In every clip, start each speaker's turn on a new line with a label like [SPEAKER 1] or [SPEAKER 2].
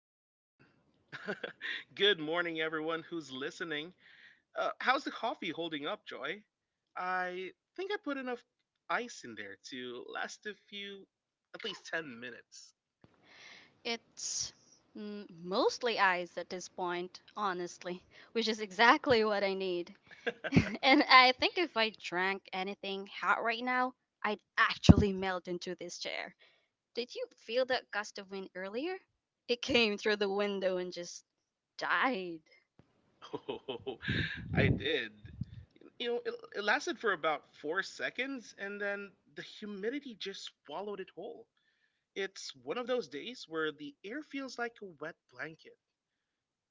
[SPEAKER 1] we're on. Good morning, everyone who's listening. How's the coffee holding up, Joy? I think I put enough ice in there to last a few, at least 10 minutes.
[SPEAKER 2] It's mostly eyes at this point, honestly, which is exactly what I need. And I think if I drank anything hot right now, I'd actually melt into this chair. Did you feel that gust of wind earlier? It came through the window and just died.
[SPEAKER 1] Oh, I
[SPEAKER 2] I
[SPEAKER 1] did. It lasted for about 4 seconds, and then the humidity just swallowed it whole. It's one of those days where the air feels like a wet blanket.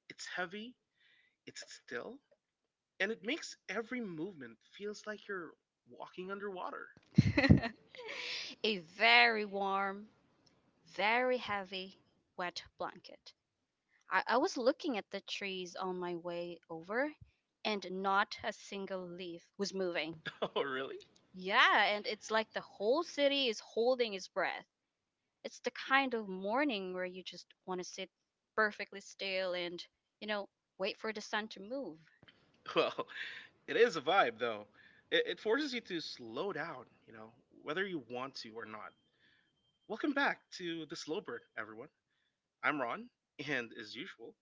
[SPEAKER 1] It's heavy, it's still, and it makes every movement feels like you're walking underwater.
[SPEAKER 2] did. A very warm, very heavy, wet blanket. I was looking at the trees on my way over, and not a single leaf was moving. Oh,
[SPEAKER 1] Oh,
[SPEAKER 2] really?
[SPEAKER 1] really?
[SPEAKER 2] Yeah, and it's like the whole city is holding its breath. It's the kind of morning where you just want to sit perfectly still and, you know, wait for the sun to move.
[SPEAKER 1] Well, it is a vibe though. It forces you to slow down, whether you want to or not. Welcome back to the Slow Burn, everyone. I'm Ron, and as usual,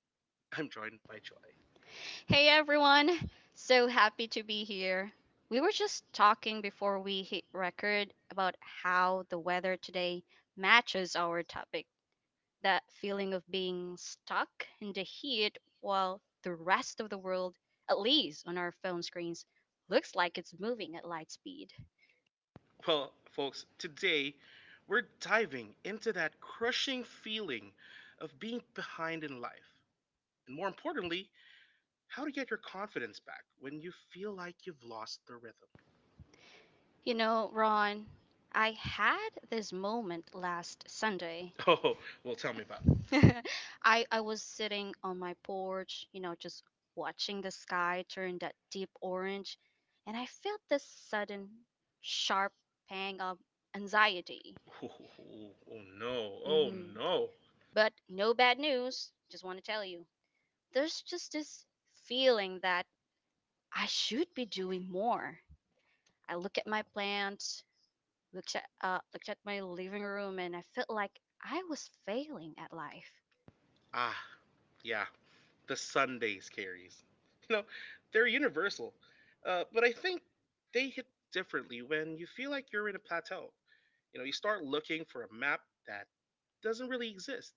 [SPEAKER 1] I'm joined by
[SPEAKER 2] My
[SPEAKER 1] Joy.
[SPEAKER 2] joy. Hey everyone, so happy to be here. We were just talking before we hit record about how the weather today matches our topic, that feeling of being stuck in the heat while the rest of the world, at least on our phone screens, looks like it's moving at light speed.
[SPEAKER 1] Well, folks, today we're diving into that crushing feeling of being behind in life, and more importantly, how to get your confidence back when you feel like you've lost the rhythm.
[SPEAKER 2] You know, Ron, I had this moment last Sunday.
[SPEAKER 1] Oh, well,
[SPEAKER 2] Well,
[SPEAKER 1] tell
[SPEAKER 2] tell
[SPEAKER 1] me
[SPEAKER 2] me about
[SPEAKER 1] about it.
[SPEAKER 2] it. I was sitting on my porch, you know, just watching the sky turn that deep orange, and I felt this sudden, sharp pang of anxiety.
[SPEAKER 1] Oh, oh, oh, no.
[SPEAKER 2] No. Oh,
[SPEAKER 1] Oh, no.
[SPEAKER 2] no. But no bad news, just want to tell you. There's just this feeling that I should be doing more. I look at my plants, looked at my living room, and I felt like I was failing at life.
[SPEAKER 1] Ah, yeah. The Sundays carries. You know, they're universal. But I think they hit differently when you feel like you're in a plateau. You know, you start looking for a map that doesn't really exist.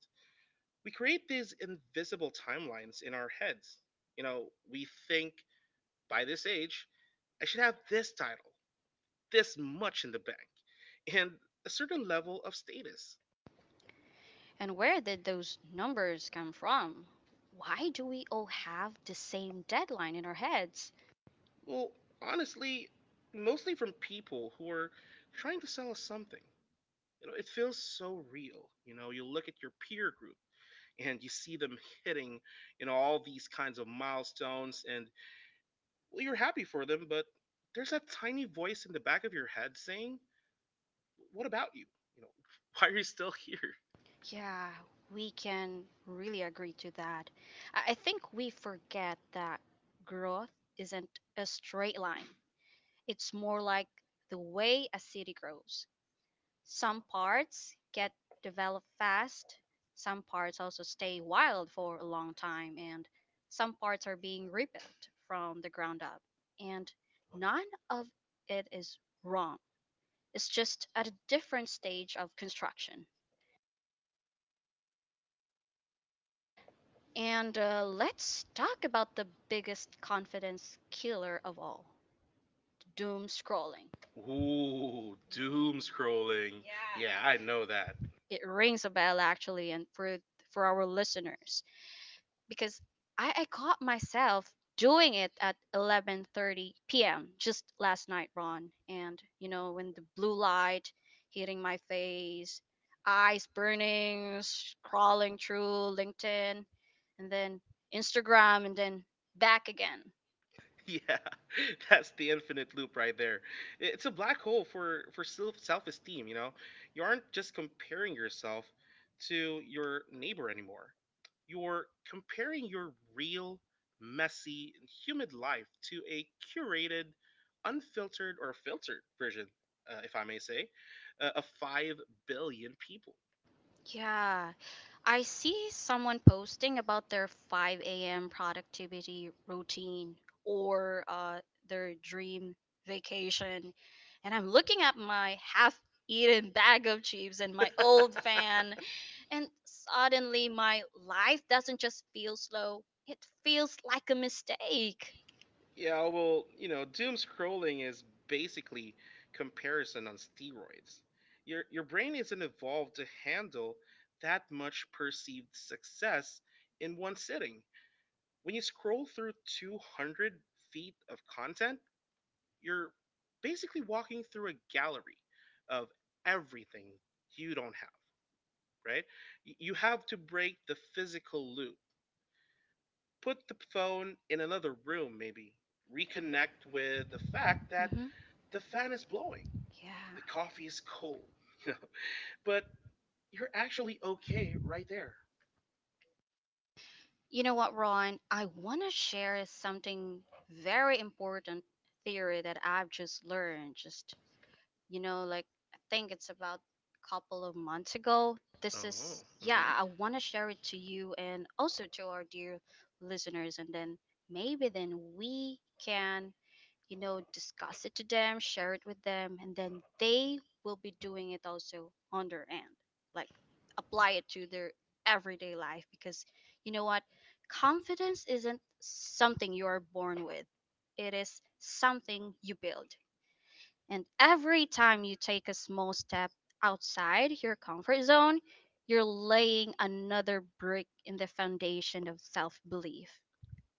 [SPEAKER 1] We create these invisible timelines in our heads. You know, we think by this age, I should have this title, this much in the bank, and a certain level of status.
[SPEAKER 2] And where did those numbers come from? Why do we all have the same deadline in our heads?
[SPEAKER 1] Well, honestly, mostly from people who are trying to sell us something. You know, it feels so real. You know, you look at your peer group and you see them hitting, all these kinds of milestones and well, you're happy for them, but there's that tiny voice in the back of your head saying, "What about you? You know, why are you still here?"
[SPEAKER 2] Yeah, we can really agree to that. I think we forget that growth isn't a straight line. It's more like the way a city grows. Some parts get developed fast, some parts also stay wild for a long time, and some parts are being rebuilt from the ground up. And none of it is wrong, it's just at a different stage of construction. And Let's talk about the biggest confidence killer of all, doom scrolling.
[SPEAKER 1] Ooh, doom
[SPEAKER 2] Scrolling.
[SPEAKER 1] scrolling. Yeah,
[SPEAKER 2] Yeah.
[SPEAKER 1] I know that.
[SPEAKER 2] It rings a bell actually, and for, our listeners, because I caught myself doing it at 11:30 p.m. just last night, Ron. And you know, when the blue light hitting my face, eyes burning, scrolling through LinkedIn, and then Instagram, and then back again.
[SPEAKER 1] Yeah, that's the infinite loop right there. It's a black hole for self esteem. You know, you aren't just comparing yourself to your neighbor anymore. You're comparing your real, messy, and humid life to a curated, unfiltered or filtered version, if I may say, of 5 billion people.
[SPEAKER 2] Yeah, I see someone posting about their 5 a.m. productivity routine or their dream vacation, and I'm looking at my half eaten bag of chips and my old fan, and suddenly my life doesn't just feel slow, it feels like a mistake.
[SPEAKER 1] Yeah, well, you know, doom scrolling is basically comparison on steroids. Your brain isn't evolved to handle that much perceived success in one sitting. When you scroll through 200 feet of content, you're basically walking through a gallery of everything you don't have, right? You have to break the physical loop. Put the phone in another room maybe reconnect
[SPEAKER 2] The,
[SPEAKER 1] with the
[SPEAKER 2] the fact
[SPEAKER 1] fact
[SPEAKER 2] that
[SPEAKER 1] that
[SPEAKER 2] the
[SPEAKER 1] the
[SPEAKER 2] fan
[SPEAKER 1] fan
[SPEAKER 2] is
[SPEAKER 1] is
[SPEAKER 2] blowing,
[SPEAKER 1] blowing,
[SPEAKER 2] yeah,
[SPEAKER 1] the
[SPEAKER 2] the
[SPEAKER 1] coffee is
[SPEAKER 2] cold,
[SPEAKER 1] cold, you know, but you're
[SPEAKER 2] you're actually
[SPEAKER 1] actually
[SPEAKER 2] okay
[SPEAKER 1] okay
[SPEAKER 2] right
[SPEAKER 1] right
[SPEAKER 2] there.
[SPEAKER 1] there.
[SPEAKER 2] You know what, Ron? I want to share something, very important theory that I've just learned. Just, you know, like I think it's about a couple of months ago. This is,
[SPEAKER 1] Oh.
[SPEAKER 2] oh,
[SPEAKER 1] Mhm.
[SPEAKER 2] yeah, I want to share it to you and also to our dear listeners. And then maybe then we can, you know, discuss it to them, share it with them, and then they will be doing it also on their end. Like apply it to their everyday life, because you know what? Confidence isn't something you're born with, it is something you build. And every time you take a small step outside your comfort zone, you're laying another brick in the foundation of self belief.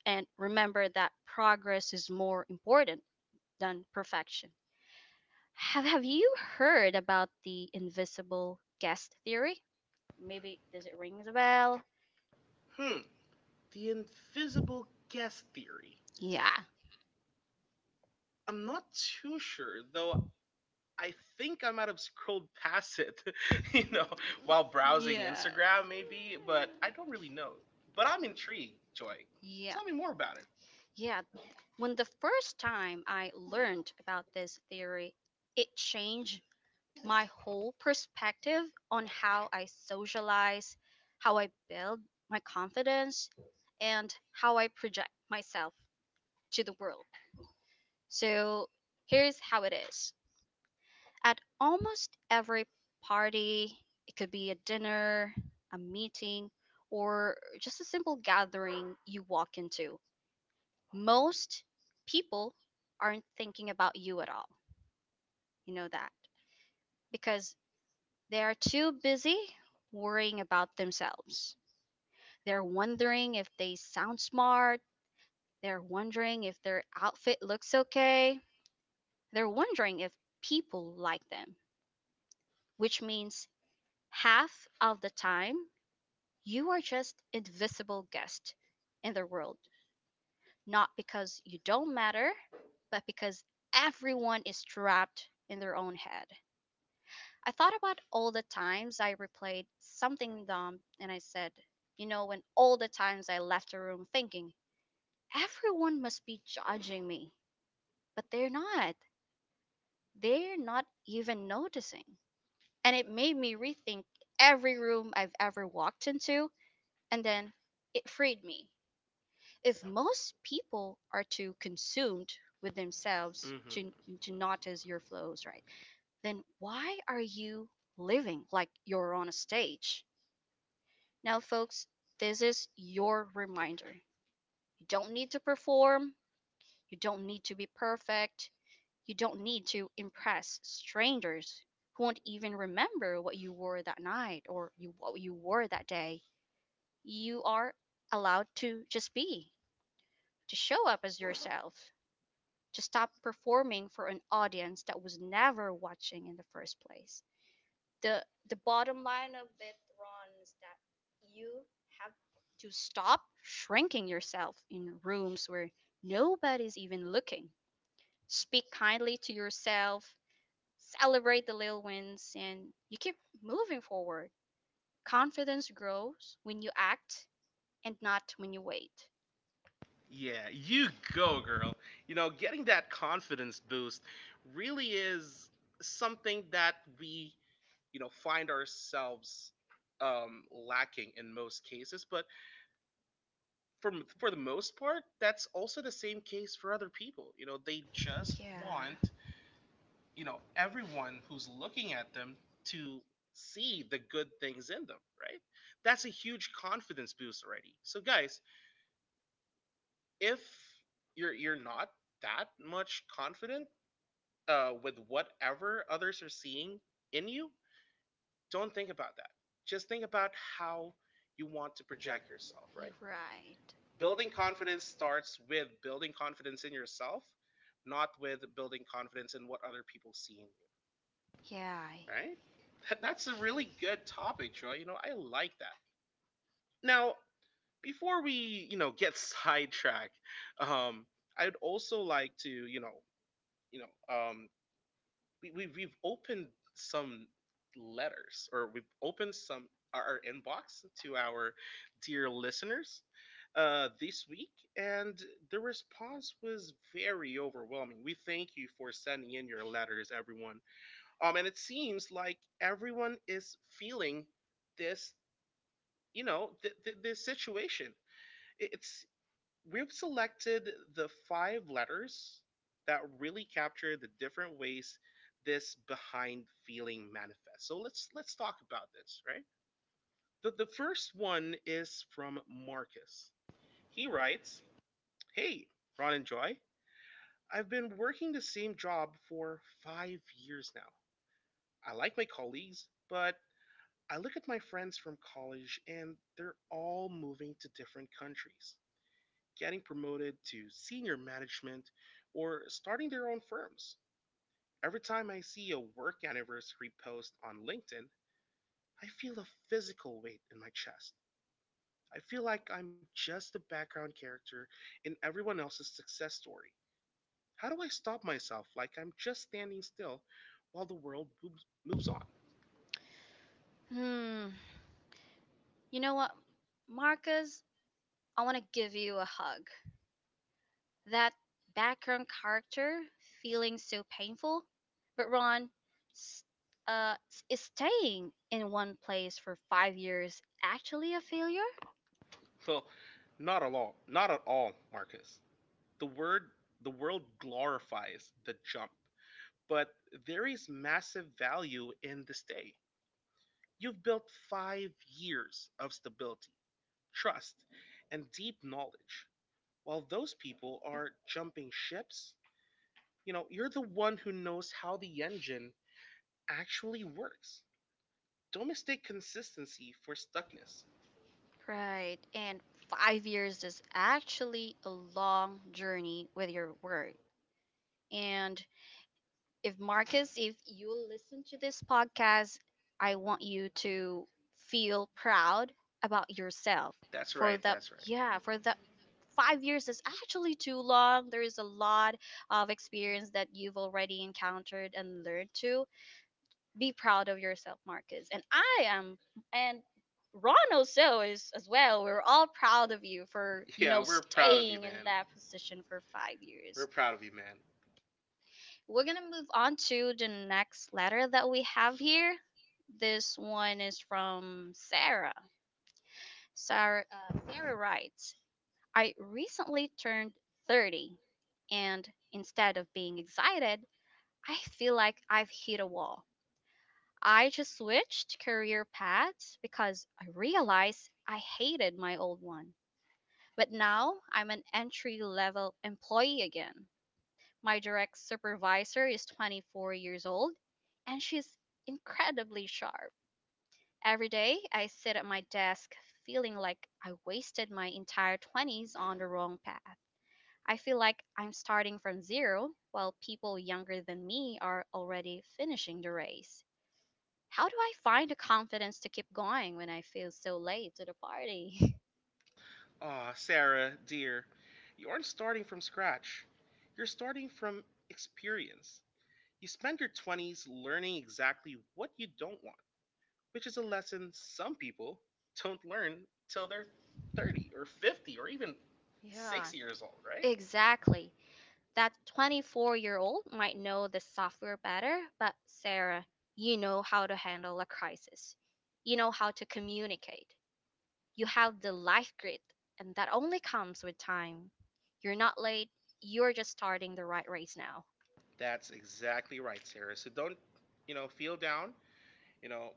[SPEAKER 2] And remember that progress is more important than perfection. Have you heard about the invisible guest theory? Maybe does it ring a bell? Hmm,
[SPEAKER 1] Hmm. The
[SPEAKER 2] the
[SPEAKER 1] invisible
[SPEAKER 2] invisible
[SPEAKER 1] guest
[SPEAKER 2] guest.
[SPEAKER 1] theory.
[SPEAKER 2] Yeah. I'm
[SPEAKER 1] I'm not
[SPEAKER 2] not too
[SPEAKER 1] too
[SPEAKER 2] sure.
[SPEAKER 1] sure, though
[SPEAKER 2] So
[SPEAKER 1] I
[SPEAKER 2] I,
[SPEAKER 1] think I might have scrolled past it, you
[SPEAKER 2] you know,
[SPEAKER 1] know, while
[SPEAKER 2] while browsing,
[SPEAKER 1] browsing
[SPEAKER 2] yeah,
[SPEAKER 1] Instagram,
[SPEAKER 2] Instagram
[SPEAKER 1] maybe,
[SPEAKER 2] maybe, but
[SPEAKER 1] but I
[SPEAKER 2] I
[SPEAKER 1] don't
[SPEAKER 2] don't
[SPEAKER 1] really
[SPEAKER 2] really know.
[SPEAKER 1] know.
[SPEAKER 2] But
[SPEAKER 1] But I'm
[SPEAKER 2] I'm intrigued,
[SPEAKER 1] intrigued,
[SPEAKER 2] Joy.
[SPEAKER 1] Joy.
[SPEAKER 2] Yeah.
[SPEAKER 1] Tell
[SPEAKER 2] Tell
[SPEAKER 1] me
[SPEAKER 2] me
[SPEAKER 1] more
[SPEAKER 2] more about
[SPEAKER 1] about
[SPEAKER 2] it.
[SPEAKER 1] it.
[SPEAKER 2] Yeah. When the first time I learned about this theory, it changed my whole perspective on how I socialize, how I build my confidence, and how I project myself to the world. So here's how it is: at almost every party, it could be a dinner, a meeting, or just a simple gathering you walk into, most people aren't thinking about you at all. You know that because they are too busy worrying about themselves. They're wondering if they sound smart. They're wondering if their outfit looks okay. They're wondering if people like them, which means half of the time you are just invisible guest in their world, not because you don't matter, but because everyone is trapped in their own head. I thought about all the times I replayed something dumb and I said, you know, when all the times I left a room thinking, everyone must be judging me. But they're not. They're not even noticing. And it made me rethink every room I've ever walked into. And then it freed me. If most people are too consumed with themselves
[SPEAKER 1] Hmm.
[SPEAKER 2] to, notice your flows, right? Then why are you living like you're on a stage? Now, folks, this is your reminder. You don't need to perform, you don't need to be perfect, you don't need to impress strangers who won't even remember what you wore that night, or you, what you wore that day. You are allowed to just be, to show up as yourself, to stop performing for an audience that was never watching in the first place. the the bottom line of it, runs that you have to stop shrinking yourself in rooms where nobody's even looking. Speak kindly to yourself, celebrate the little wins, and you keep moving forward. Confidence grows when you act and not when you wait. Yeah,
[SPEAKER 1] Yeah,
[SPEAKER 2] you
[SPEAKER 1] you go,
[SPEAKER 2] go, girl.
[SPEAKER 1] girl. You know, getting that confidence boost really is something that we, you know, find ourselves lacking in most cases. But for the most part, that's also the same case for other people. You know, they
[SPEAKER 2] Just
[SPEAKER 1] just
[SPEAKER 2] yeah, want,
[SPEAKER 1] want,
[SPEAKER 2] you
[SPEAKER 1] you
[SPEAKER 2] know,
[SPEAKER 1] know,
[SPEAKER 2] everyone
[SPEAKER 1] everyone who's
[SPEAKER 2] who's
[SPEAKER 1] looking
[SPEAKER 2] looking at
[SPEAKER 1] at
[SPEAKER 2] them
[SPEAKER 1] them
[SPEAKER 2] to
[SPEAKER 1] to see the good things in them, right? That's a huge confidence boost already. So, guys, if you're not that much confident with whatever others are seeing in you, don't think about that. Just think about how you want to
[SPEAKER 2] project
[SPEAKER 1] project
[SPEAKER 2] yourself,
[SPEAKER 1] yourself,
[SPEAKER 2] right?
[SPEAKER 1] right?
[SPEAKER 2] Right. Building
[SPEAKER 1] Building confidence
[SPEAKER 2] confidence.
[SPEAKER 1] starts with building confidence in yourself, not with building confidence in what other people see in you,
[SPEAKER 2] Yeah.
[SPEAKER 1] right?
[SPEAKER 2] Right?
[SPEAKER 1] That-
[SPEAKER 2] That's
[SPEAKER 1] That's
[SPEAKER 2] a
[SPEAKER 1] a
[SPEAKER 2] really
[SPEAKER 1] really good
[SPEAKER 2] good topic,
[SPEAKER 1] topic,
[SPEAKER 2] Troy.
[SPEAKER 1] Troy. You know, I like that. Now, before we, you know, get sidetracked, um, I'd also like to, you know, um, we've opened some letters or we've opened some our inbox to our dear listeners this week, and the response was very overwhelming. We thank you for sending in your letters, everyone, and it seems like everyone is feeling this, this situation. It- it's We've selected the five letters that really capture the different ways this behind feeling manifests. So let's talk about this, right? The first one is from Marcus. He
[SPEAKER 2] He
[SPEAKER 1] writes,
[SPEAKER 2] writes,
[SPEAKER 1] "Hey, Ron and Joy, I've been working the same job for 5 years now. I like my colleagues, but I look at my friends from college and they're all moving to different countries. Getting promoted to senior management, or starting their own firms. Every time I see a work anniversary post on LinkedIn, I feel a physical weight in my chest. I feel like I'm just a background character in everyone else's success story. How do I stop myself like I'm just standing still while the world moves
[SPEAKER 2] moves
[SPEAKER 1] moves on?"
[SPEAKER 2] on. Hmm. You know what, Marcus? I want to give you a hug. That background character feeling so painful, but Ron, s- is staying in one place for 5 years actually a failure?
[SPEAKER 1] Well,
[SPEAKER 2] Focus.
[SPEAKER 1] not at all. Not at all, Marcus. The word the world glorifies the jump but there is massive value in this day. You've built 5 years of stability, trust, and deep knowledge. While those people are jumping ships, you know, you're the one who knows how the engine actually works. Don't mistake consistency for stuckness.
[SPEAKER 2] Right. And 5 years is actually a long journey with your work. And if Marcus, if you listen to this podcast, I want you to feel proud about yourself. That's
[SPEAKER 1] That's
[SPEAKER 2] for right.
[SPEAKER 1] right,
[SPEAKER 2] The,
[SPEAKER 1] that's
[SPEAKER 2] that's right.
[SPEAKER 1] right.
[SPEAKER 2] Yeah, for the 5 years is actually too long. There is a lot of experience that you've already encountered and learned to be proud of yourself, Marcus. And I am, and Ron also is as well. We're all proud of you, for you. Yeah, know,
[SPEAKER 1] Yeah,
[SPEAKER 2] we're
[SPEAKER 1] we're
[SPEAKER 2] proud of you,
[SPEAKER 1] proud of you,
[SPEAKER 2] Staying in man.
[SPEAKER 1] man.
[SPEAKER 2] That position for 5 years.
[SPEAKER 1] We're
[SPEAKER 2] We're
[SPEAKER 1] proud
[SPEAKER 2] proud.
[SPEAKER 1] of you, man.
[SPEAKER 2] We're gonna move on to the next letter that we have here. This one is from Sarah. Sarah, Sarah writes, I recently turned 30, and instead of being excited, I feel like I've hit a wall. I just switched career paths because I realized I hated my old one. But now I'm an entry level employee again. My direct supervisor is 24 years old and she's incredibly sharp. Every day I sit at my desk feeling like I wasted my entire 20s on the wrong path. I feel like I'm starting from zero while people younger than me are already finishing the race. How do I find the confidence to keep going when I feel so late to the party?
[SPEAKER 1] Aw, Sarah, dear, you aren't starting from scratch. You're starting from experience. You spend your 20s learning exactly what you don't want, which is a lesson some people don't learn till
[SPEAKER 2] So they're
[SPEAKER 1] they're
[SPEAKER 2] 30
[SPEAKER 1] 30 or
[SPEAKER 2] or 50
[SPEAKER 1] 50 or
[SPEAKER 2] or
[SPEAKER 1] even
[SPEAKER 2] even, yeah,
[SPEAKER 1] 6
[SPEAKER 2] 60
[SPEAKER 1] years
[SPEAKER 2] years
[SPEAKER 1] old,
[SPEAKER 2] old, right?
[SPEAKER 1] right?
[SPEAKER 2] Exactly. That 24-year-old might know the software better, but Sarah, you know how to handle a crisis. You know how to communicate. You have the life grit, and that only comes with time. You're not late, you're just starting the right race now.
[SPEAKER 1] That's exactly right, Sarah. So don't, you know, feel down. You know,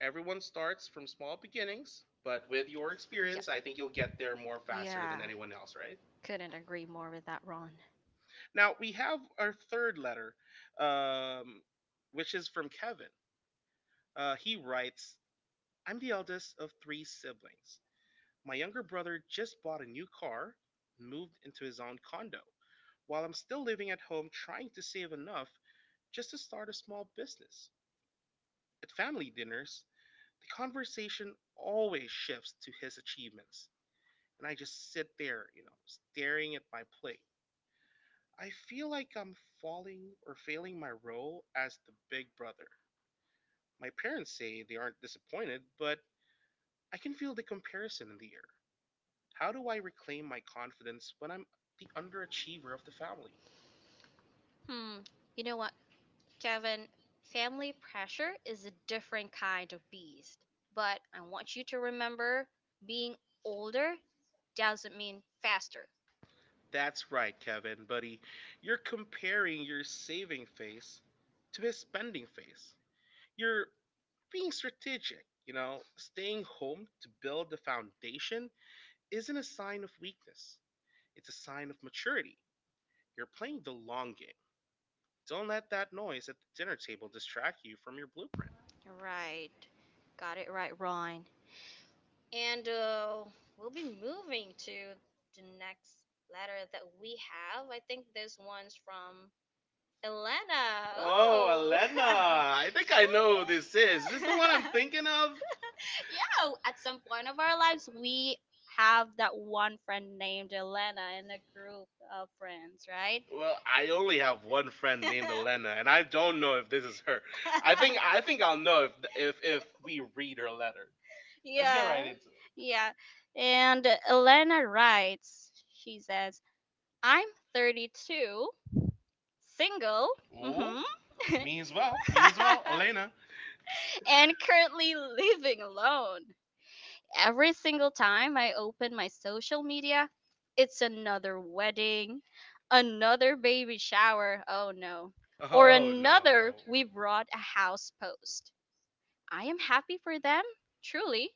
[SPEAKER 1] everyone starts from small beginnings, but
[SPEAKER 2] But
[SPEAKER 1] with
[SPEAKER 2] with your,
[SPEAKER 1] your
[SPEAKER 2] yeah,
[SPEAKER 1] experience,
[SPEAKER 2] experience,
[SPEAKER 1] I
[SPEAKER 2] I
[SPEAKER 1] think
[SPEAKER 2] think
[SPEAKER 1] you'll
[SPEAKER 2] you'll
[SPEAKER 1] get
[SPEAKER 2] get there
[SPEAKER 1] there more
[SPEAKER 2] more faster
[SPEAKER 1] faster
[SPEAKER 2] than,
[SPEAKER 1] than
[SPEAKER 2] yeah,
[SPEAKER 1] anyone
[SPEAKER 2] anyone
[SPEAKER 1] else,
[SPEAKER 2] else, right?
[SPEAKER 1] right?
[SPEAKER 2] Couldn't agree more with that, Ron.
[SPEAKER 1] Now we have our third letter, um, which is from Kevin. He writes, "I'm the eldest of three siblings. My younger brother just bought a new car, and moved into his own condo, while I'm still living at home trying to save enough just to start a small business. At family dinners, the conversation always shifts to his achievements, and I just sit there, you know, staring at my plate. I feel like I'm falling or failing my role as the big brother. My parents say they aren't disappointed, but I can feel the comparison in the air. How do I reclaim my confidence when I'm the
[SPEAKER 2] Under
[SPEAKER 1] underachiever of the
[SPEAKER 2] family.
[SPEAKER 1] family?"
[SPEAKER 2] Hmm, you know what? Kevin, family pressure is a different kind of beast. But I want you to remember, being older doesn't mean faster.
[SPEAKER 1] That's right, Kevin, buddy. You're comparing your saving face to his spending face. You're being strategic, you know, staying home to build the foundation isn't a sign of weakness. It's a sign of maturity. You're playing the long game. Don't let that noise at the dinner table distract you from your blueprint.
[SPEAKER 2] Right. Got it right, Ron. And We'll be moving to the next letter that we have. I think this one's from Elena.
[SPEAKER 1] Oh,
[SPEAKER 2] Oh, oh, Elena!
[SPEAKER 1] Elena! I
[SPEAKER 2] I think
[SPEAKER 1] think
[SPEAKER 2] I
[SPEAKER 1] I know
[SPEAKER 2] know
[SPEAKER 1] who
[SPEAKER 2] who this is.
[SPEAKER 1] this is. Is
[SPEAKER 2] This is
[SPEAKER 1] this the one
[SPEAKER 2] what
[SPEAKER 1] I'm
[SPEAKER 2] I'm thinking,
[SPEAKER 1] thinking of?
[SPEAKER 2] yeah, at some point of our lives, we have that one friend named Elena in a group of friends, right? Well,
[SPEAKER 1] Well, I
[SPEAKER 2] I
[SPEAKER 1] only
[SPEAKER 2] only have
[SPEAKER 1] have
[SPEAKER 2] one
[SPEAKER 1] one
[SPEAKER 2] friend
[SPEAKER 1] friend
[SPEAKER 2] named
[SPEAKER 1] named
[SPEAKER 2] Elena.
[SPEAKER 1] Elena, and
[SPEAKER 2] I
[SPEAKER 1] I don't
[SPEAKER 2] don't
[SPEAKER 1] know
[SPEAKER 2] know if
[SPEAKER 1] if this
[SPEAKER 2] this
[SPEAKER 1] is
[SPEAKER 2] is
[SPEAKER 1] her.
[SPEAKER 2] her.
[SPEAKER 1] I
[SPEAKER 2] I
[SPEAKER 1] think
[SPEAKER 2] think
[SPEAKER 1] I
[SPEAKER 2] I think
[SPEAKER 1] think I'll
[SPEAKER 2] I'll
[SPEAKER 1] know
[SPEAKER 2] know
[SPEAKER 1] if if
[SPEAKER 2] if
[SPEAKER 1] if we
[SPEAKER 2] we read
[SPEAKER 1] read her
[SPEAKER 2] her
[SPEAKER 1] letter.
[SPEAKER 2] letter. Let's go
[SPEAKER 1] Let's get
[SPEAKER 2] right, yeah,
[SPEAKER 1] right
[SPEAKER 2] into it.
[SPEAKER 1] into it.
[SPEAKER 2] Yeah. And Elena writes, she says, I'm 32, single. Ooh,
[SPEAKER 1] Oh,
[SPEAKER 2] hmm.
[SPEAKER 1] me
[SPEAKER 2] Me
[SPEAKER 1] as
[SPEAKER 2] as well.
[SPEAKER 1] well.
[SPEAKER 2] Me
[SPEAKER 1] Me
[SPEAKER 2] as
[SPEAKER 1] as
[SPEAKER 2] well,
[SPEAKER 1] well.
[SPEAKER 2] Elena.
[SPEAKER 1] Elena.
[SPEAKER 2] And currently living alone. Every single time I open my social media, it's another wedding, another baby shower. Oh, no. Or, oh,
[SPEAKER 1] Oh no.
[SPEAKER 2] another, no, we brought a house post. I am happy for them, truly,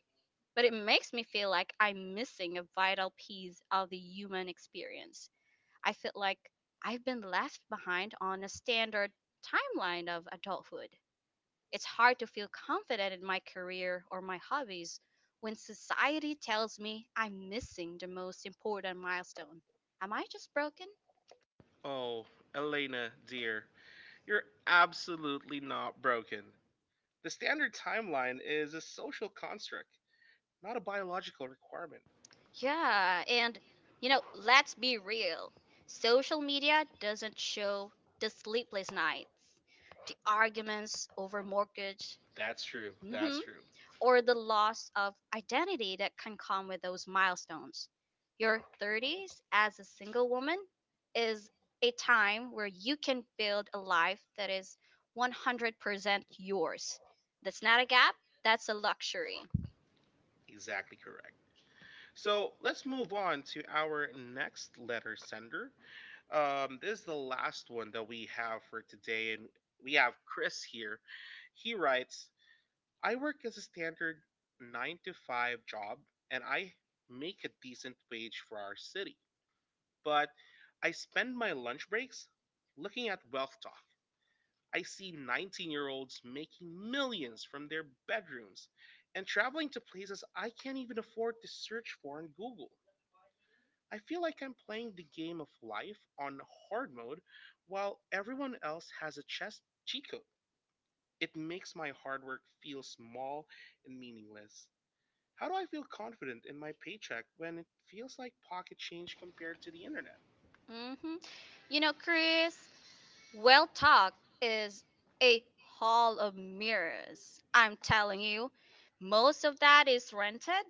[SPEAKER 2] but it makes me feel like I'm missing a vital piece of the human experience. I feel like I've been left behind on a standard timeline of adulthood. It's hard to feel confident in my career or my hobbies when society tells me I'm missing the most important milestone. Am I just broken?
[SPEAKER 1] Oh, Elena, dear, you're absolutely not broken. The standard timeline is a social construct, not a biological requirement.
[SPEAKER 2] Yeah, and you know, let's be real. Social media doesn't show the sleepless nights, the arguments over mortgage — that's
[SPEAKER 1] That's
[SPEAKER 2] true,
[SPEAKER 1] true.
[SPEAKER 2] that's
[SPEAKER 1] That's
[SPEAKER 2] true —
[SPEAKER 1] true.
[SPEAKER 2] or the loss of identity that can come with those milestones. Your 30s as a single woman is a time where you can build a life that is 100% yours. That's not a gap, that's a luxury. Exactly,
[SPEAKER 1] Exactly
[SPEAKER 2] correct.
[SPEAKER 1] correct. So
[SPEAKER 2] So let's
[SPEAKER 1] let's
[SPEAKER 2] move
[SPEAKER 1] move on to our next letter sender. This is the last one that we have for today, and we have Chris here. He writes, I work as a standard 9 to 5 job, and I make a decent wage for our city, but I spend my lunch breaks looking at Wealth Talk. I see 19-year-olds making millions from their bedrooms and traveling to places I can't even afford to search for on Google. I feel like I'm playing the game of life on hard mode while everyone else has a chess cheat code. It makes my hard work feel small and meaningless. How do I feel confident in my paycheck when it feels like pocket change compared to the internet?
[SPEAKER 2] hmm you know, Chris, well, talk is a hall of mirrors. I'm telling you, most of that is rented,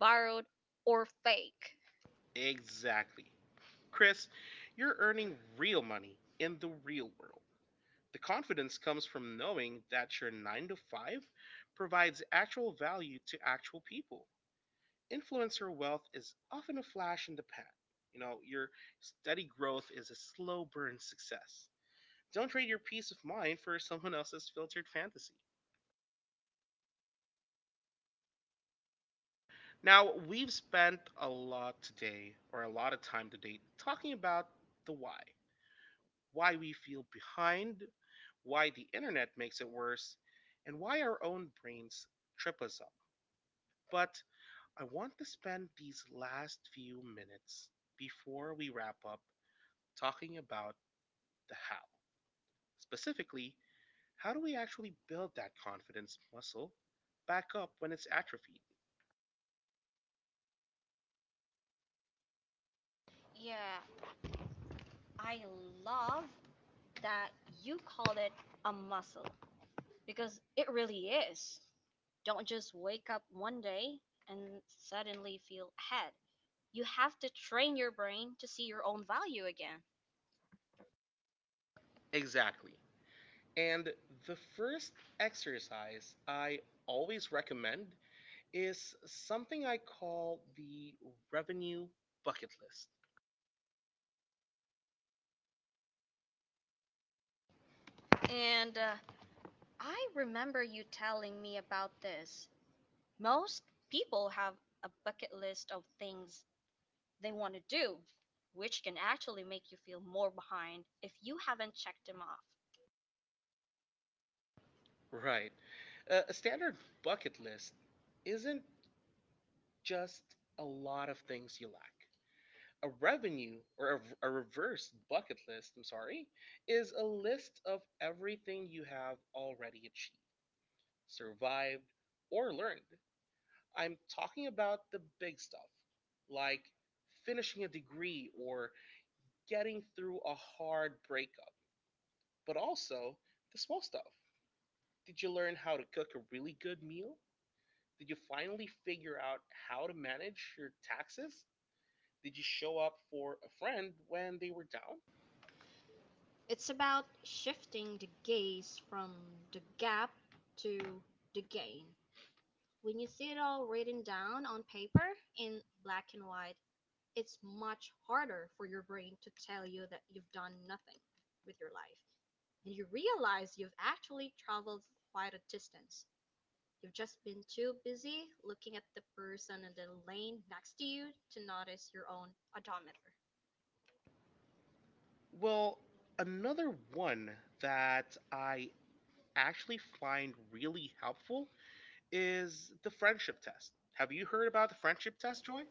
[SPEAKER 2] borrowed, or fake.
[SPEAKER 1] Exactly. Chris, you're earning real money in the real world. The confidence comes from knowing that your 9 to 5 provides actual value to actual people. Influencer wealth is often a flash in the pan. You know, your steady growth is a slow burn success. Don't trade your peace of mind for someone else's filtered fantasy. Now, we've spent a lot today, or a lot of time today, talking about the why. Why we feel behind, why the internet makes it worse, and why our own brains trip us up. But I want to spend these last few minutes before we wrap up talking about the how. Specifically, how do we actually build that confidence muscle back up when it's atrophied?
[SPEAKER 2] Yeah, I love that you called it a muscle because it really is. Don't just wake up one day and suddenly feel ahead. You have to train your brain to see your own value again.
[SPEAKER 1] Exactly. And the first exercise I always recommend is something I call the revenue bucket list.
[SPEAKER 2] And I remember you telling me about this. Most people have a bucket list of things they want to do, which can actually make you feel more behind if you haven't checked them off.
[SPEAKER 1] Right. A standard bucket list isn't just a lot of things you lack. A revenue or a reverse bucket list, I'm sorry, is a list of everything you have already achieved, survived, or learned. I'm talking about the big stuff, like finishing a degree or getting through a hard breakup, but also the small stuff. Did you learn how to cook a really good meal? Did you finally figure out how to manage your taxes? Did you show up for a friend when they were down?
[SPEAKER 2] It's about shifting the gaze from the gap to the gain. When you see it all written down on paper in black and white, it's much harder for your brain to tell you that you've done nothing with your life, and you realize you've actually traveled quite a distance. You've just been too busy looking at the person in the lane next to you to notice your own odometer.
[SPEAKER 1] Well, another one that I actually find really helpful is the friendship test. Have you heard about the friendship
[SPEAKER 2] Yes,
[SPEAKER 1] test,
[SPEAKER 2] Joy?
[SPEAKER 1] Joy?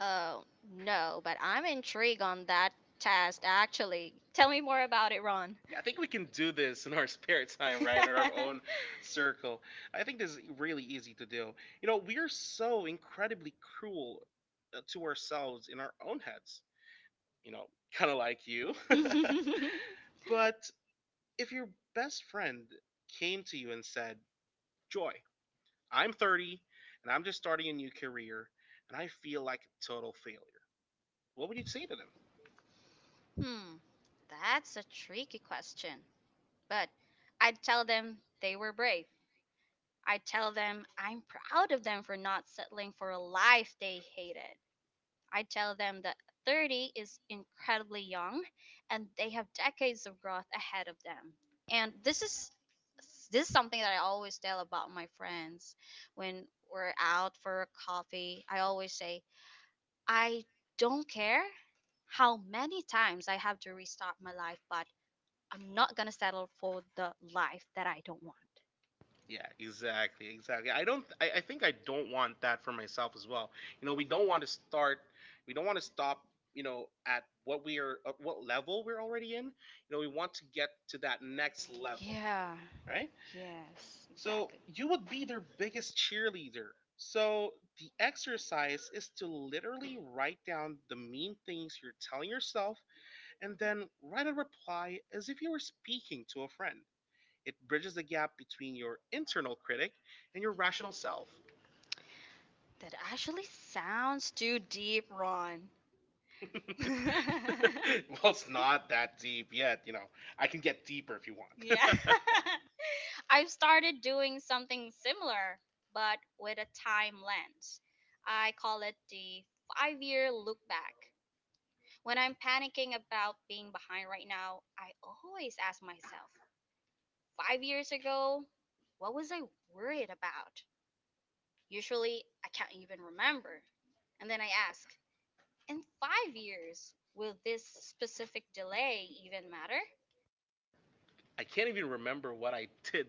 [SPEAKER 2] Oh, no, but I'm intrigued on that test actually. Tell me more about it, Ron. Yeah,
[SPEAKER 1] I
[SPEAKER 2] I
[SPEAKER 1] think
[SPEAKER 2] think
[SPEAKER 1] we can do this in our spare
[SPEAKER 2] we
[SPEAKER 1] time,
[SPEAKER 2] can
[SPEAKER 1] right?
[SPEAKER 2] write
[SPEAKER 1] In our
[SPEAKER 2] our own
[SPEAKER 1] own
[SPEAKER 2] survey.
[SPEAKER 1] circle. I think this is really easy to do. You know, we are so incredibly cruel to ourselves in our own heads, you know, kind of like you.
[SPEAKER 2] hmm, But
[SPEAKER 1] But if your best friend came to you and said, Joy, I'm 30 and I'm just starting a new career and I feel like a total failure, what would you
[SPEAKER 2] you
[SPEAKER 1] say
[SPEAKER 2] see
[SPEAKER 1] to
[SPEAKER 2] them.
[SPEAKER 1] them?
[SPEAKER 2] Hmm, that's a tricky question. But I'd tell them they were brave. I tell them I'm proud of them for not settling for a life they hated. I tell them that 30 is incredibly young and they have decades of growth ahead of them. And this is something that I always tell about my friends when we're out for a coffee. I always say, "I don't care how many times I have to restart my life, but I'm not going to settle for the life that I don't want."
[SPEAKER 1] Yeah, exactly, exactly. I don't. I think I don't want that for myself as well. You
[SPEAKER 2] You
[SPEAKER 1] know,
[SPEAKER 2] know,
[SPEAKER 1] we
[SPEAKER 2] we don't
[SPEAKER 1] don't
[SPEAKER 2] want
[SPEAKER 1] want to start. We don't want to stop. You know, at what we are, at what level we're already in. You know, we want to get to that next
[SPEAKER 2] level,
[SPEAKER 1] level,
[SPEAKER 2] yeah,
[SPEAKER 1] right?
[SPEAKER 2] right? Yes. So,
[SPEAKER 1] So
[SPEAKER 2] exactly,
[SPEAKER 1] you would be their biggest cheerleader. So the exercise is to literally write down the mean things you're telling yourself and then write a reply as if you were speaking to a friend. It bridges the gap between your internal critic and your
[SPEAKER 2] rational
[SPEAKER 1] rational
[SPEAKER 2] self.
[SPEAKER 1] self.
[SPEAKER 2] That actually sounds too deep, Ron.
[SPEAKER 1] Well,
[SPEAKER 2] well,
[SPEAKER 1] it's
[SPEAKER 2] it's
[SPEAKER 1] not
[SPEAKER 2] not.
[SPEAKER 1] that deep yet, you know. I can get deeper if you want.
[SPEAKER 2] Yeah. I've started doing something similar, but with a time lens. I call it the five-year look back. When I'm panicking about being behind right now, I always ask myself, 5 years ago, what was I worried about? Usually, I can't even remember. And then I ask, in 5 years, will this specific delay even matter?
[SPEAKER 1] I can't even remember what I did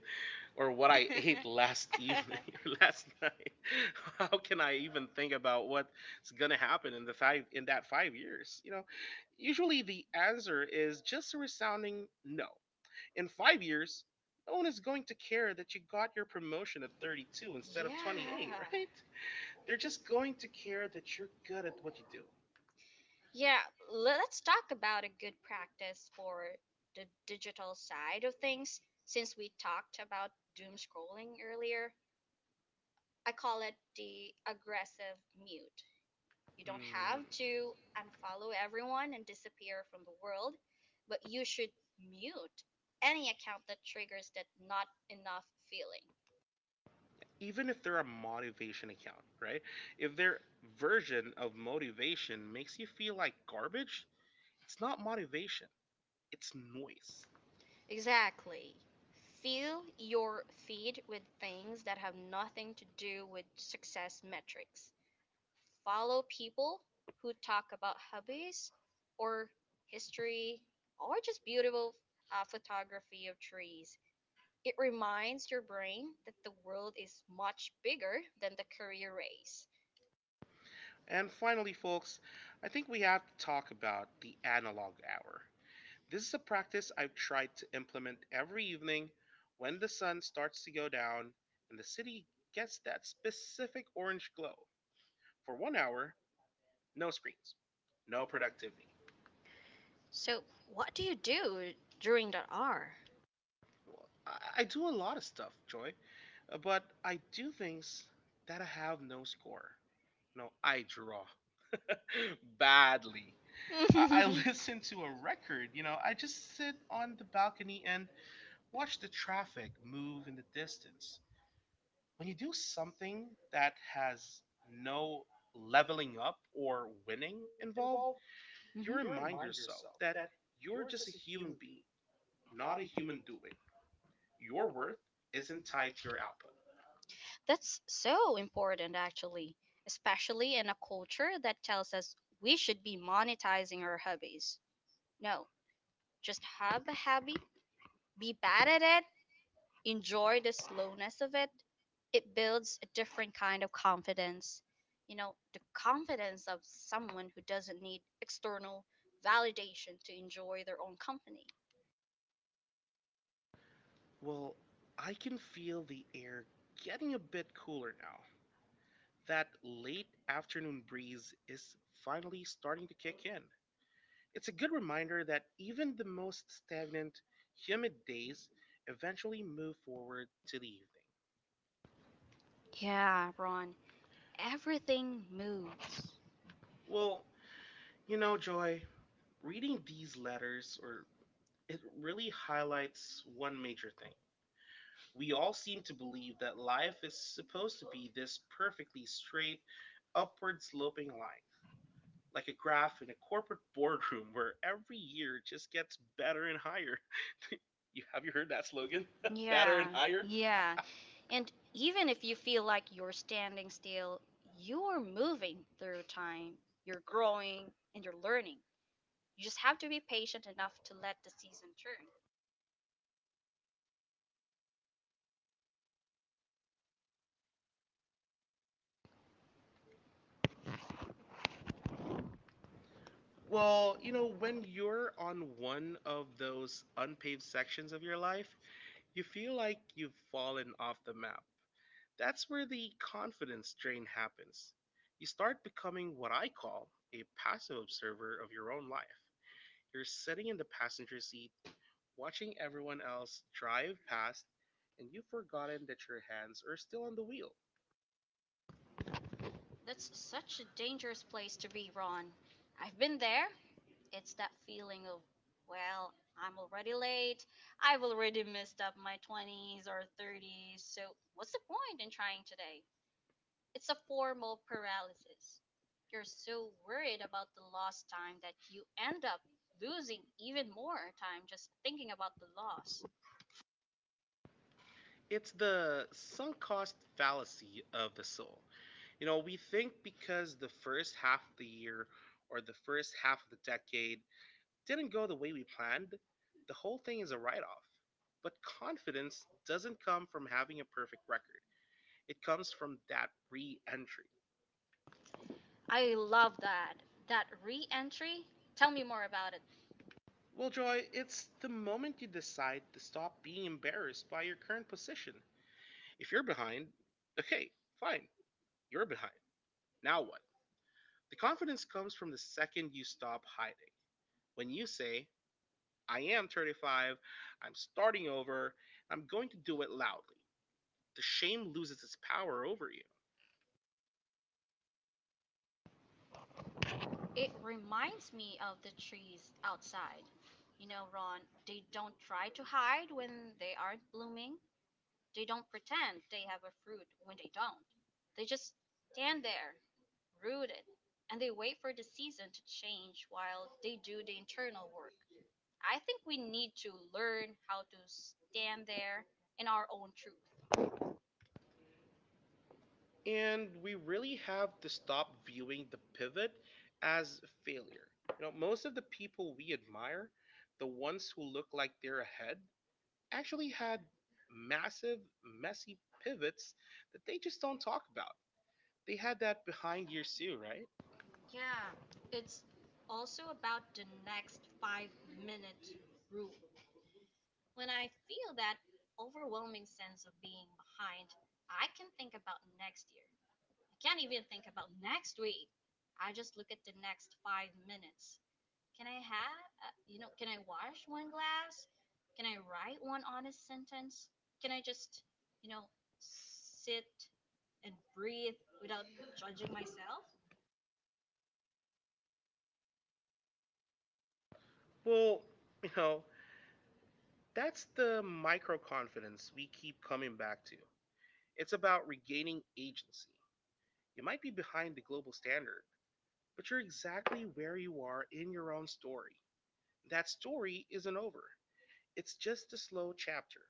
[SPEAKER 1] or
[SPEAKER 2] Or
[SPEAKER 1] what
[SPEAKER 2] what I
[SPEAKER 1] I ate
[SPEAKER 2] ate
[SPEAKER 1] last
[SPEAKER 2] last evening,
[SPEAKER 1] evening or
[SPEAKER 2] last
[SPEAKER 1] last night. How can I even think about what's going to happen in the five in that 5 years? You know, usually the answer is just a resounding no. In 5 years, no one is going to care that you got your promotion at
[SPEAKER 2] two
[SPEAKER 1] 32
[SPEAKER 2] instead
[SPEAKER 1] instead
[SPEAKER 2] of
[SPEAKER 1] of
[SPEAKER 2] 28,
[SPEAKER 1] 28,
[SPEAKER 2] yeah,
[SPEAKER 1] right?
[SPEAKER 2] right?
[SPEAKER 1] They're
[SPEAKER 2] They're just
[SPEAKER 1] just
[SPEAKER 2] going
[SPEAKER 1] going
[SPEAKER 2] to
[SPEAKER 1] to
[SPEAKER 2] care
[SPEAKER 1] care that you're
[SPEAKER 2] good
[SPEAKER 1] good
[SPEAKER 2] at
[SPEAKER 1] at
[SPEAKER 2] what
[SPEAKER 1] what
[SPEAKER 2] you
[SPEAKER 1] you do.
[SPEAKER 2] do. Yeah, let's talk about a good practice for the digital side of things since we talked about doom scrolling earlier. I call it the aggressive mute. You don't have to unfollow everyone and disappear from the world, but you should mute any account that triggers that not enough feeling.
[SPEAKER 1] Even if they're a motivation account, right? If their version of motivation makes you feel like garbage, it's not motivation, it's noise.
[SPEAKER 2] Exactly. Fill your feed with things that have nothing to do with success metrics. Follow people who talk about hobbies or history or just beautiful photography of trees. It reminds your brain that the world is much bigger than the career race.
[SPEAKER 1] And finally, folks, I think we have to talk about the analog hour. This is a practice I've tried to implement every evening when the sun starts to go down and the city gets that specific orange glow. For 1 hour, no screens, no productivity.
[SPEAKER 2] So, what do you do during that hour?
[SPEAKER 1] Well, I do a lot of stuff, Joy, but I do things that I have no score. No, I draw badly. I
[SPEAKER 2] I listen
[SPEAKER 1] listen
[SPEAKER 2] to
[SPEAKER 1] to
[SPEAKER 2] a
[SPEAKER 1] a
[SPEAKER 2] record,
[SPEAKER 1] record,
[SPEAKER 2] you
[SPEAKER 1] you
[SPEAKER 2] know,
[SPEAKER 1] know,
[SPEAKER 2] I
[SPEAKER 1] I just
[SPEAKER 2] just
[SPEAKER 1] sit
[SPEAKER 2] sit on
[SPEAKER 1] on
[SPEAKER 2] the
[SPEAKER 1] the
[SPEAKER 2] balcony
[SPEAKER 1] balcony
[SPEAKER 2] and
[SPEAKER 1] and watch
[SPEAKER 2] watch
[SPEAKER 1] the
[SPEAKER 2] the traffic
[SPEAKER 1] traffic move
[SPEAKER 2] in
[SPEAKER 1] in the
[SPEAKER 2] the distance.
[SPEAKER 1] distance.
[SPEAKER 2] When
[SPEAKER 1] When
[SPEAKER 2] you
[SPEAKER 1] you do
[SPEAKER 2] do something
[SPEAKER 1] something
[SPEAKER 2] that
[SPEAKER 1] that
[SPEAKER 2] has
[SPEAKER 1] has
[SPEAKER 2] no
[SPEAKER 1] no
[SPEAKER 2] leveling
[SPEAKER 1] leveling up
[SPEAKER 2] up or
[SPEAKER 1] or
[SPEAKER 2] winning
[SPEAKER 1] winning involved,
[SPEAKER 2] involved, mhm,
[SPEAKER 1] you
[SPEAKER 2] you
[SPEAKER 1] remind
[SPEAKER 2] remind yourself
[SPEAKER 1] yourself that you're
[SPEAKER 2] you're
[SPEAKER 1] just
[SPEAKER 2] just a
[SPEAKER 1] a
[SPEAKER 2] human
[SPEAKER 1] human being,
[SPEAKER 2] being,
[SPEAKER 1] not
[SPEAKER 2] not
[SPEAKER 1] a
[SPEAKER 2] a human
[SPEAKER 1] human doing.
[SPEAKER 2] doing.
[SPEAKER 1] Your
[SPEAKER 2] Your
[SPEAKER 1] worth
[SPEAKER 2] worth isn't
[SPEAKER 1] isn't tied
[SPEAKER 2] tied
[SPEAKER 1] to
[SPEAKER 2] to your
[SPEAKER 1] your
[SPEAKER 2] output.
[SPEAKER 1] output.
[SPEAKER 2] That's so important, actually, especially in a culture that tells us we should be monetizing our hobbies. No, just have a hobby, be bad at it, enjoy the slowness of it. It builds a different kind of confidence. You know, the confidence of someone who doesn't need external validation to enjoy their own company.
[SPEAKER 1] Well, I can feel the air getting a bit cooler now. That late afternoon breeze is finally starting to kick in. It's a good reminder that even the most stagnant, humid days eventually move forward to the evening.
[SPEAKER 2] Yeah, Ron, everything moves. Well,
[SPEAKER 1] Well, you know,
[SPEAKER 2] Joy,
[SPEAKER 1] Joy, reading these letters or it really highlights one major thing.
[SPEAKER 2] we
[SPEAKER 1] We all
[SPEAKER 2] all
[SPEAKER 1] seem
[SPEAKER 2] see
[SPEAKER 1] to believe that
[SPEAKER 2] that life
[SPEAKER 1] life
[SPEAKER 2] is
[SPEAKER 1] is
[SPEAKER 2] supposed
[SPEAKER 1] supposed
[SPEAKER 2] to
[SPEAKER 1] to be this perfectly straight, upward
[SPEAKER 2] be
[SPEAKER 1] sloping
[SPEAKER 2] like
[SPEAKER 1] line, like a graph in a corporate
[SPEAKER 2] bored
[SPEAKER 1] boardroom where every year just gets better and higher. You have you heard that
[SPEAKER 2] again.
[SPEAKER 1] slogan?
[SPEAKER 2] Fatter, yeah,
[SPEAKER 1] Better
[SPEAKER 2] better,
[SPEAKER 1] and
[SPEAKER 2] and higher.
[SPEAKER 1] higher?
[SPEAKER 2] Yeah.
[SPEAKER 1] Yeah.
[SPEAKER 2] And even if you feel like you're standing still, you're moving through time. You're growing and you're learning. You just have to be patient enough to let the season turn.
[SPEAKER 1] Well,
[SPEAKER 2] Well,
[SPEAKER 1] you
[SPEAKER 2] you know,
[SPEAKER 1] know,
[SPEAKER 2] when —
[SPEAKER 1] when you're on one of those unpaved sections of your life, you feel like you've fallen off the map. That's where the confidence drain happens. You start becoming what I call a passive observer of your own life. You're sitting in the passenger seat, watching everyone else drive past, and you've forgotten that your hands are still on the wheel.
[SPEAKER 2] that's such a dangerous place to be, Ron. I've been there. It's that feeling of, well, I'm already late. I've already messed up my 20s or 30s. So, what's the point in trying today? It's a form of paralysis. You're so worried about the lost time that you end up losing even more time just thinking about the loss.
[SPEAKER 1] It's the sunk cost fallacy of the soul. You know, we think because the first half of the year or the first half of the decade didn't go the way we planned, the whole thing is a write off. But confidence doesn't come from having a perfect record, it comes from that re entry.
[SPEAKER 2] I love that. That re entry. Tell me more about it.
[SPEAKER 1] Well, Joy, it's the moment you decide to stop being embarrassed by your current position. If you're behind, okay, fine, you're behind. Now what? The confidence comes from the second you stop hiding. When you say, I am 35, I'm starting over, I'm going to do it loudly, the shame loses its power over you.
[SPEAKER 2] It reminds me of the trees outside. You know, Ron, they don't try to hide when they aren't blooming. They don't pretend they have a fruit when they don't. They just stand there, rooted, and they wait for the season to change while they do the internal work. I think we need to learn how to stand there in our own truth.
[SPEAKER 1] And we really have to stop viewing the pivot as failure. You know, most of the people we admire, the ones who look like they're ahead, actually had massive, messy pivots that they just don't talk about. They had that behind years too, right?
[SPEAKER 2] Yeah, it's also about the next five-minute rule. When I feel that overwhelming sense of being behind, I can think about next year. I can't even think about next week. I just look at the next 5 minutes. Can I have, you know, can I wash one glass? Can I write one honest sentence? Can I just, you know, sit and breathe without judging myself?
[SPEAKER 1] Well, you know, that's the micro confidence we keep coming back to. It's about regaining agency. You might be behind the global standard, but you're exactly where you are in your own story. That story isn't over. It's just a slow chapter.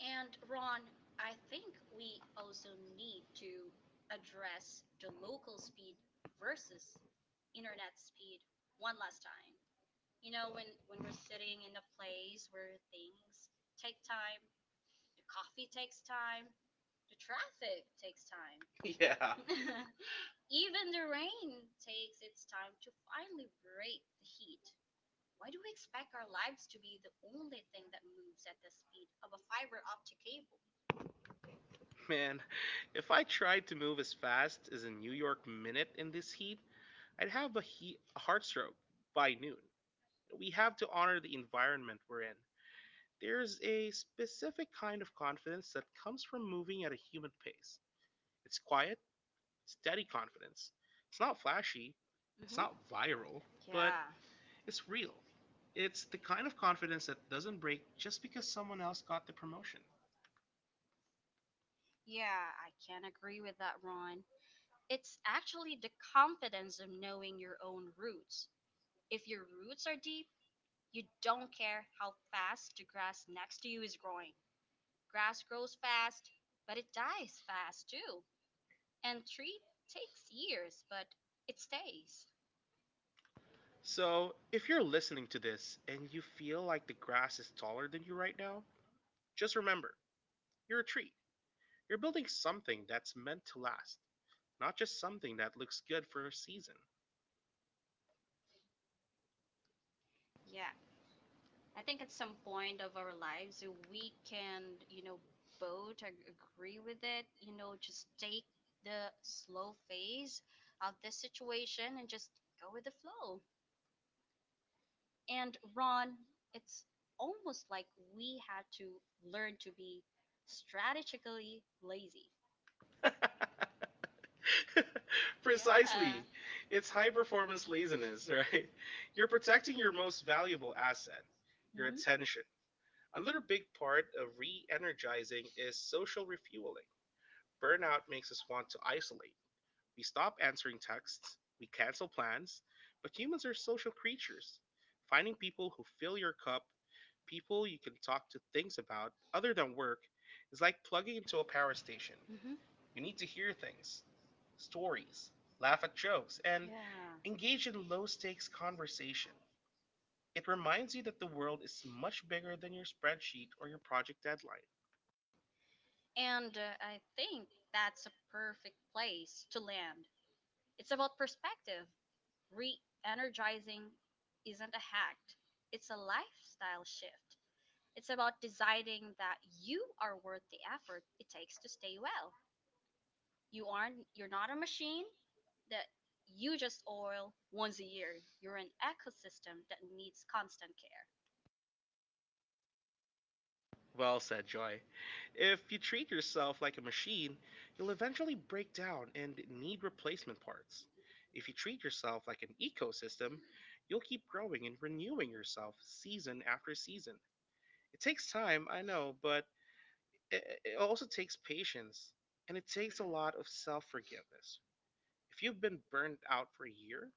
[SPEAKER 2] And Ron, I think we also need to address the local speed versus internet speed one last time. You know, when we're sitting in a place where things take time, the coffee takes time, the traffic takes time, yeah,
[SPEAKER 1] Yeah,
[SPEAKER 2] even the rain takes its time to finally break the heat. Why do we expect our lives to be the only thing that moves at the speed of a fiber optic cable?
[SPEAKER 1] man, if I tried to move as fast as a New York minute in this heat, I'd have a, heat, a heart stroke by noon. We have to honor the environment we're in. There's a specific kind of confidence that comes from moving at a human pace. It's quiet, steady confidence. It's not flashy,
[SPEAKER 2] Mhm. It's
[SPEAKER 1] it's
[SPEAKER 2] mm-hmm
[SPEAKER 1] not
[SPEAKER 2] not viral,
[SPEAKER 1] viral,
[SPEAKER 2] yeah, but
[SPEAKER 1] but
[SPEAKER 2] yeah, it's
[SPEAKER 1] it's
[SPEAKER 2] real.
[SPEAKER 1] real. It's the kind of
[SPEAKER 2] Confidence
[SPEAKER 1] confidence that
[SPEAKER 2] that doesn't
[SPEAKER 1] doesn't
[SPEAKER 2] break
[SPEAKER 1] break just because
[SPEAKER 2] someone
[SPEAKER 1] someone
[SPEAKER 2] else
[SPEAKER 1] else
[SPEAKER 2] got
[SPEAKER 1] got
[SPEAKER 2] the
[SPEAKER 1] the
[SPEAKER 2] promotion.
[SPEAKER 1] promotion.
[SPEAKER 2] Yeah, I can't agree with that, Ron. It's actually the confidence of knowing your own roots. If your roots are deep, you don't care how fast the grass next to you is growing. Grass grows fast, but it dies fast too. And tree takes years, but it stays.
[SPEAKER 1] So, if you're listening to this and you feel like the grass is taller than you right now, just remember you're a tree. You're building something that's meant to last, not just something that looks good for a season.
[SPEAKER 2] Yeah. I think at some point of our lives we can, you know, both agree with it, you know, just take the slow phase of this situation and just go with the flow. And Ron, it's almost like we had to learn to be strategically lazy. Yeah. Precisely.
[SPEAKER 1] Precisely. It's
[SPEAKER 2] It's
[SPEAKER 1] high
[SPEAKER 2] high
[SPEAKER 1] performance
[SPEAKER 2] performance
[SPEAKER 1] laziness,
[SPEAKER 2] laziness,
[SPEAKER 1] right?
[SPEAKER 2] right?
[SPEAKER 1] You're
[SPEAKER 2] You're protecting
[SPEAKER 1] protecting your
[SPEAKER 2] your
[SPEAKER 1] most
[SPEAKER 2] most
[SPEAKER 1] valuable
[SPEAKER 2] valuable
[SPEAKER 1] asset,
[SPEAKER 2] asset,
[SPEAKER 1] your
[SPEAKER 2] your
[SPEAKER 1] attention.
[SPEAKER 2] attention.
[SPEAKER 1] Another
[SPEAKER 2] Another
[SPEAKER 1] big
[SPEAKER 2] big
[SPEAKER 1] part
[SPEAKER 2] part
[SPEAKER 1] of
[SPEAKER 2] of
[SPEAKER 1] re
[SPEAKER 2] re
[SPEAKER 1] energizing
[SPEAKER 2] energizing
[SPEAKER 1] is
[SPEAKER 2] is
[SPEAKER 1] social
[SPEAKER 2] social
[SPEAKER 1] refueling.
[SPEAKER 2] refueling.
[SPEAKER 1] Burnout
[SPEAKER 2] Burnout
[SPEAKER 1] makes
[SPEAKER 2] makes us
[SPEAKER 1] us want
[SPEAKER 2] want
[SPEAKER 1] to
[SPEAKER 2] to isolate
[SPEAKER 1] isolate. We stop answering texts, we cancel plans, but humans are social creatures. Finding people who fill your cup, people you can talk to things about other than work, is like plugging into
[SPEAKER 2] to
[SPEAKER 1] a
[SPEAKER 2] a
[SPEAKER 1] power
[SPEAKER 2] power
[SPEAKER 1] station.
[SPEAKER 2] station.
[SPEAKER 1] You
[SPEAKER 2] You need
[SPEAKER 1] need to
[SPEAKER 2] to hear
[SPEAKER 1] hear things,
[SPEAKER 2] things,
[SPEAKER 1] stories,
[SPEAKER 2] stories,
[SPEAKER 1] laugh
[SPEAKER 2] laugh
[SPEAKER 1] at
[SPEAKER 2] at
[SPEAKER 1] jokes,
[SPEAKER 2] jokes, and,
[SPEAKER 1] and
[SPEAKER 2] yeah,
[SPEAKER 1] engage
[SPEAKER 2] engage
[SPEAKER 1] in
[SPEAKER 2] in
[SPEAKER 1] low
[SPEAKER 2] low
[SPEAKER 1] stakes
[SPEAKER 2] stakes conversation.
[SPEAKER 1] conversation. It
[SPEAKER 2] It
[SPEAKER 1] reminds
[SPEAKER 2] reminds
[SPEAKER 1] you
[SPEAKER 2] you
[SPEAKER 1] that
[SPEAKER 2] that
[SPEAKER 1] the
[SPEAKER 2] the
[SPEAKER 1] world
[SPEAKER 2] world
[SPEAKER 1] is
[SPEAKER 2] is
[SPEAKER 1] much
[SPEAKER 2] much
[SPEAKER 1] bigger
[SPEAKER 2] bigger
[SPEAKER 1] than
[SPEAKER 2] than
[SPEAKER 1] your
[SPEAKER 2] your
[SPEAKER 1] spreadsheet
[SPEAKER 2] spreadsheet
[SPEAKER 1] or
[SPEAKER 2] or
[SPEAKER 1] your
[SPEAKER 2] your.
[SPEAKER 1] project deadline.
[SPEAKER 2] And I think that's a perfect place to land. It's about perspective. Re energizing isn't a hack, it's a lifestyle shift. It's about deciding that you are worth the effort it takes to stay well. You're not a machine that you just oil once a year. You're an ecosystem that needs constant care.
[SPEAKER 1] Well said, Joy. If you treat yourself like a machine, you'll eventually break down and need replacement parts. If you treat yourself like an ecosystem, you'll keep growing and renewing yourself season after season. It takes time, I know, but it also takes patience, and it takes a lot of self forgiveness. If you've been burned out for a year,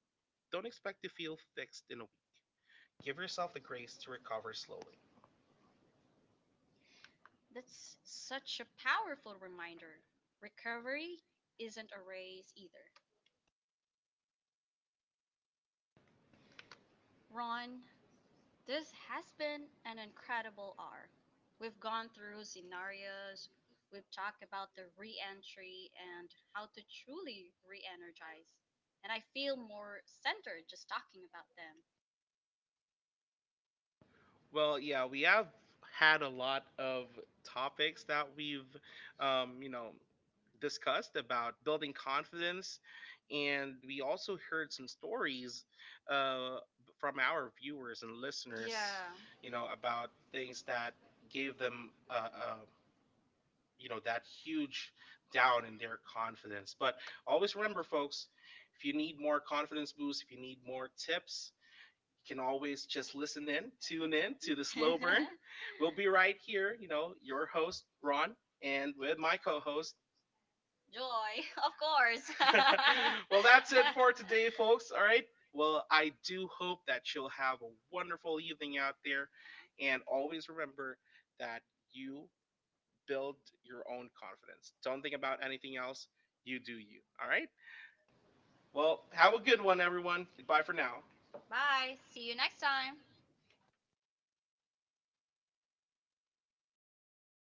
[SPEAKER 1] don't expect to feel fixed in a week. Give
[SPEAKER 2] Give
[SPEAKER 1] yourself
[SPEAKER 2] yourself
[SPEAKER 1] the
[SPEAKER 2] the
[SPEAKER 1] grace
[SPEAKER 2] grace
[SPEAKER 1] to
[SPEAKER 2] to
[SPEAKER 1] recover
[SPEAKER 2] recover
[SPEAKER 1] slowly.
[SPEAKER 2] slowly. That's such a powerful reminder. Recovery isn't a race either. Ron, this has been an incredible hour. We've gone through scenarios, we've talked about the re entry and how to truly re energize. And I feel more centered just talking about them.
[SPEAKER 1] Well, yeah, we have had a lot of topics that we've you know, discussed about building confidence, and we also heard some stories uh, from our viewers and listeners,
[SPEAKER 2] Yeah, you
[SPEAKER 1] you
[SPEAKER 2] know,
[SPEAKER 1] know,
[SPEAKER 2] about
[SPEAKER 1] about
[SPEAKER 2] things
[SPEAKER 1] things
[SPEAKER 2] that
[SPEAKER 1] that
[SPEAKER 2] gave
[SPEAKER 1] gave
[SPEAKER 2] them,
[SPEAKER 1] them,
[SPEAKER 2] you
[SPEAKER 1] you
[SPEAKER 2] know,
[SPEAKER 1] know,
[SPEAKER 2] that
[SPEAKER 1] that
[SPEAKER 2] huge
[SPEAKER 1] huge
[SPEAKER 2] down
[SPEAKER 1] down
[SPEAKER 2] in
[SPEAKER 1] in
[SPEAKER 2] their
[SPEAKER 1] their
[SPEAKER 2] confidence.
[SPEAKER 1] confidence.
[SPEAKER 2] But
[SPEAKER 1] But
[SPEAKER 2] always
[SPEAKER 1] always
[SPEAKER 2] remember,
[SPEAKER 1] remember,
[SPEAKER 2] folks,
[SPEAKER 1] folks,
[SPEAKER 2] if
[SPEAKER 1] if
[SPEAKER 2] you
[SPEAKER 1] you
[SPEAKER 2] need
[SPEAKER 1] need
[SPEAKER 2] more
[SPEAKER 1] more
[SPEAKER 2] confidence
[SPEAKER 1] confidence
[SPEAKER 2] boost,
[SPEAKER 1] boost,
[SPEAKER 2] if
[SPEAKER 1] if
[SPEAKER 2] you
[SPEAKER 1] you need
[SPEAKER 2] need
[SPEAKER 1] more
[SPEAKER 2] more tips,
[SPEAKER 1] tips,
[SPEAKER 2] can
[SPEAKER 1] can
[SPEAKER 2] always
[SPEAKER 1] always
[SPEAKER 2] just
[SPEAKER 1] just
[SPEAKER 2] listen
[SPEAKER 1] listen
[SPEAKER 2] in,
[SPEAKER 1] in,
[SPEAKER 2] tune
[SPEAKER 1] tune
[SPEAKER 2] in
[SPEAKER 1] in
[SPEAKER 2] to
[SPEAKER 1] to
[SPEAKER 2] the
[SPEAKER 1] the
[SPEAKER 2] slow
[SPEAKER 1] slow
[SPEAKER 2] burn.
[SPEAKER 1] burn. We'll
[SPEAKER 2] we'll be
[SPEAKER 1] be
[SPEAKER 2] right
[SPEAKER 1] right
[SPEAKER 2] here,
[SPEAKER 1] here,
[SPEAKER 2] you
[SPEAKER 1] you
[SPEAKER 2] know,
[SPEAKER 1] know,
[SPEAKER 2] your
[SPEAKER 1] your
[SPEAKER 2] host,
[SPEAKER 1] host,
[SPEAKER 2] Ron,
[SPEAKER 1] Ron,
[SPEAKER 2] and
[SPEAKER 1] and
[SPEAKER 2] with
[SPEAKER 1] with
[SPEAKER 2] my
[SPEAKER 1] my
[SPEAKER 2] co
[SPEAKER 1] co host.
[SPEAKER 2] host, Joy, of course. well,
[SPEAKER 1] Well,
[SPEAKER 2] that's
[SPEAKER 1] that's
[SPEAKER 2] it
[SPEAKER 1] it
[SPEAKER 2] for
[SPEAKER 1] for
[SPEAKER 2] today,
[SPEAKER 1] today,
[SPEAKER 2] folks.
[SPEAKER 1] folks. All right. Well,
[SPEAKER 2] Well, I
[SPEAKER 1] I
[SPEAKER 2] do
[SPEAKER 1] do
[SPEAKER 2] hope
[SPEAKER 1] hope
[SPEAKER 2] that
[SPEAKER 1] that
[SPEAKER 2] you'll
[SPEAKER 1] you'll
[SPEAKER 2] have
[SPEAKER 1] have
[SPEAKER 2] a
[SPEAKER 1] a
[SPEAKER 2] wonderful
[SPEAKER 1] wonderful
[SPEAKER 2] evening
[SPEAKER 1] evening
[SPEAKER 2] out
[SPEAKER 1] out
[SPEAKER 2] there,
[SPEAKER 1] there.
[SPEAKER 2] and
[SPEAKER 1] And
[SPEAKER 2] always,
[SPEAKER 1] always remember that you build your own confidence. Don't think about anything else. You do you. All right.
[SPEAKER 2] well,
[SPEAKER 1] Well,
[SPEAKER 2] have
[SPEAKER 1] have
[SPEAKER 2] a
[SPEAKER 1] a
[SPEAKER 2] good
[SPEAKER 1] good
[SPEAKER 2] one,
[SPEAKER 1] one,
[SPEAKER 2] everyone.
[SPEAKER 1] everyone.
[SPEAKER 2] Goodbye
[SPEAKER 1] Goodbye
[SPEAKER 2] for
[SPEAKER 1] for
[SPEAKER 2] now.
[SPEAKER 1] now.
[SPEAKER 2] Bye. See you next time.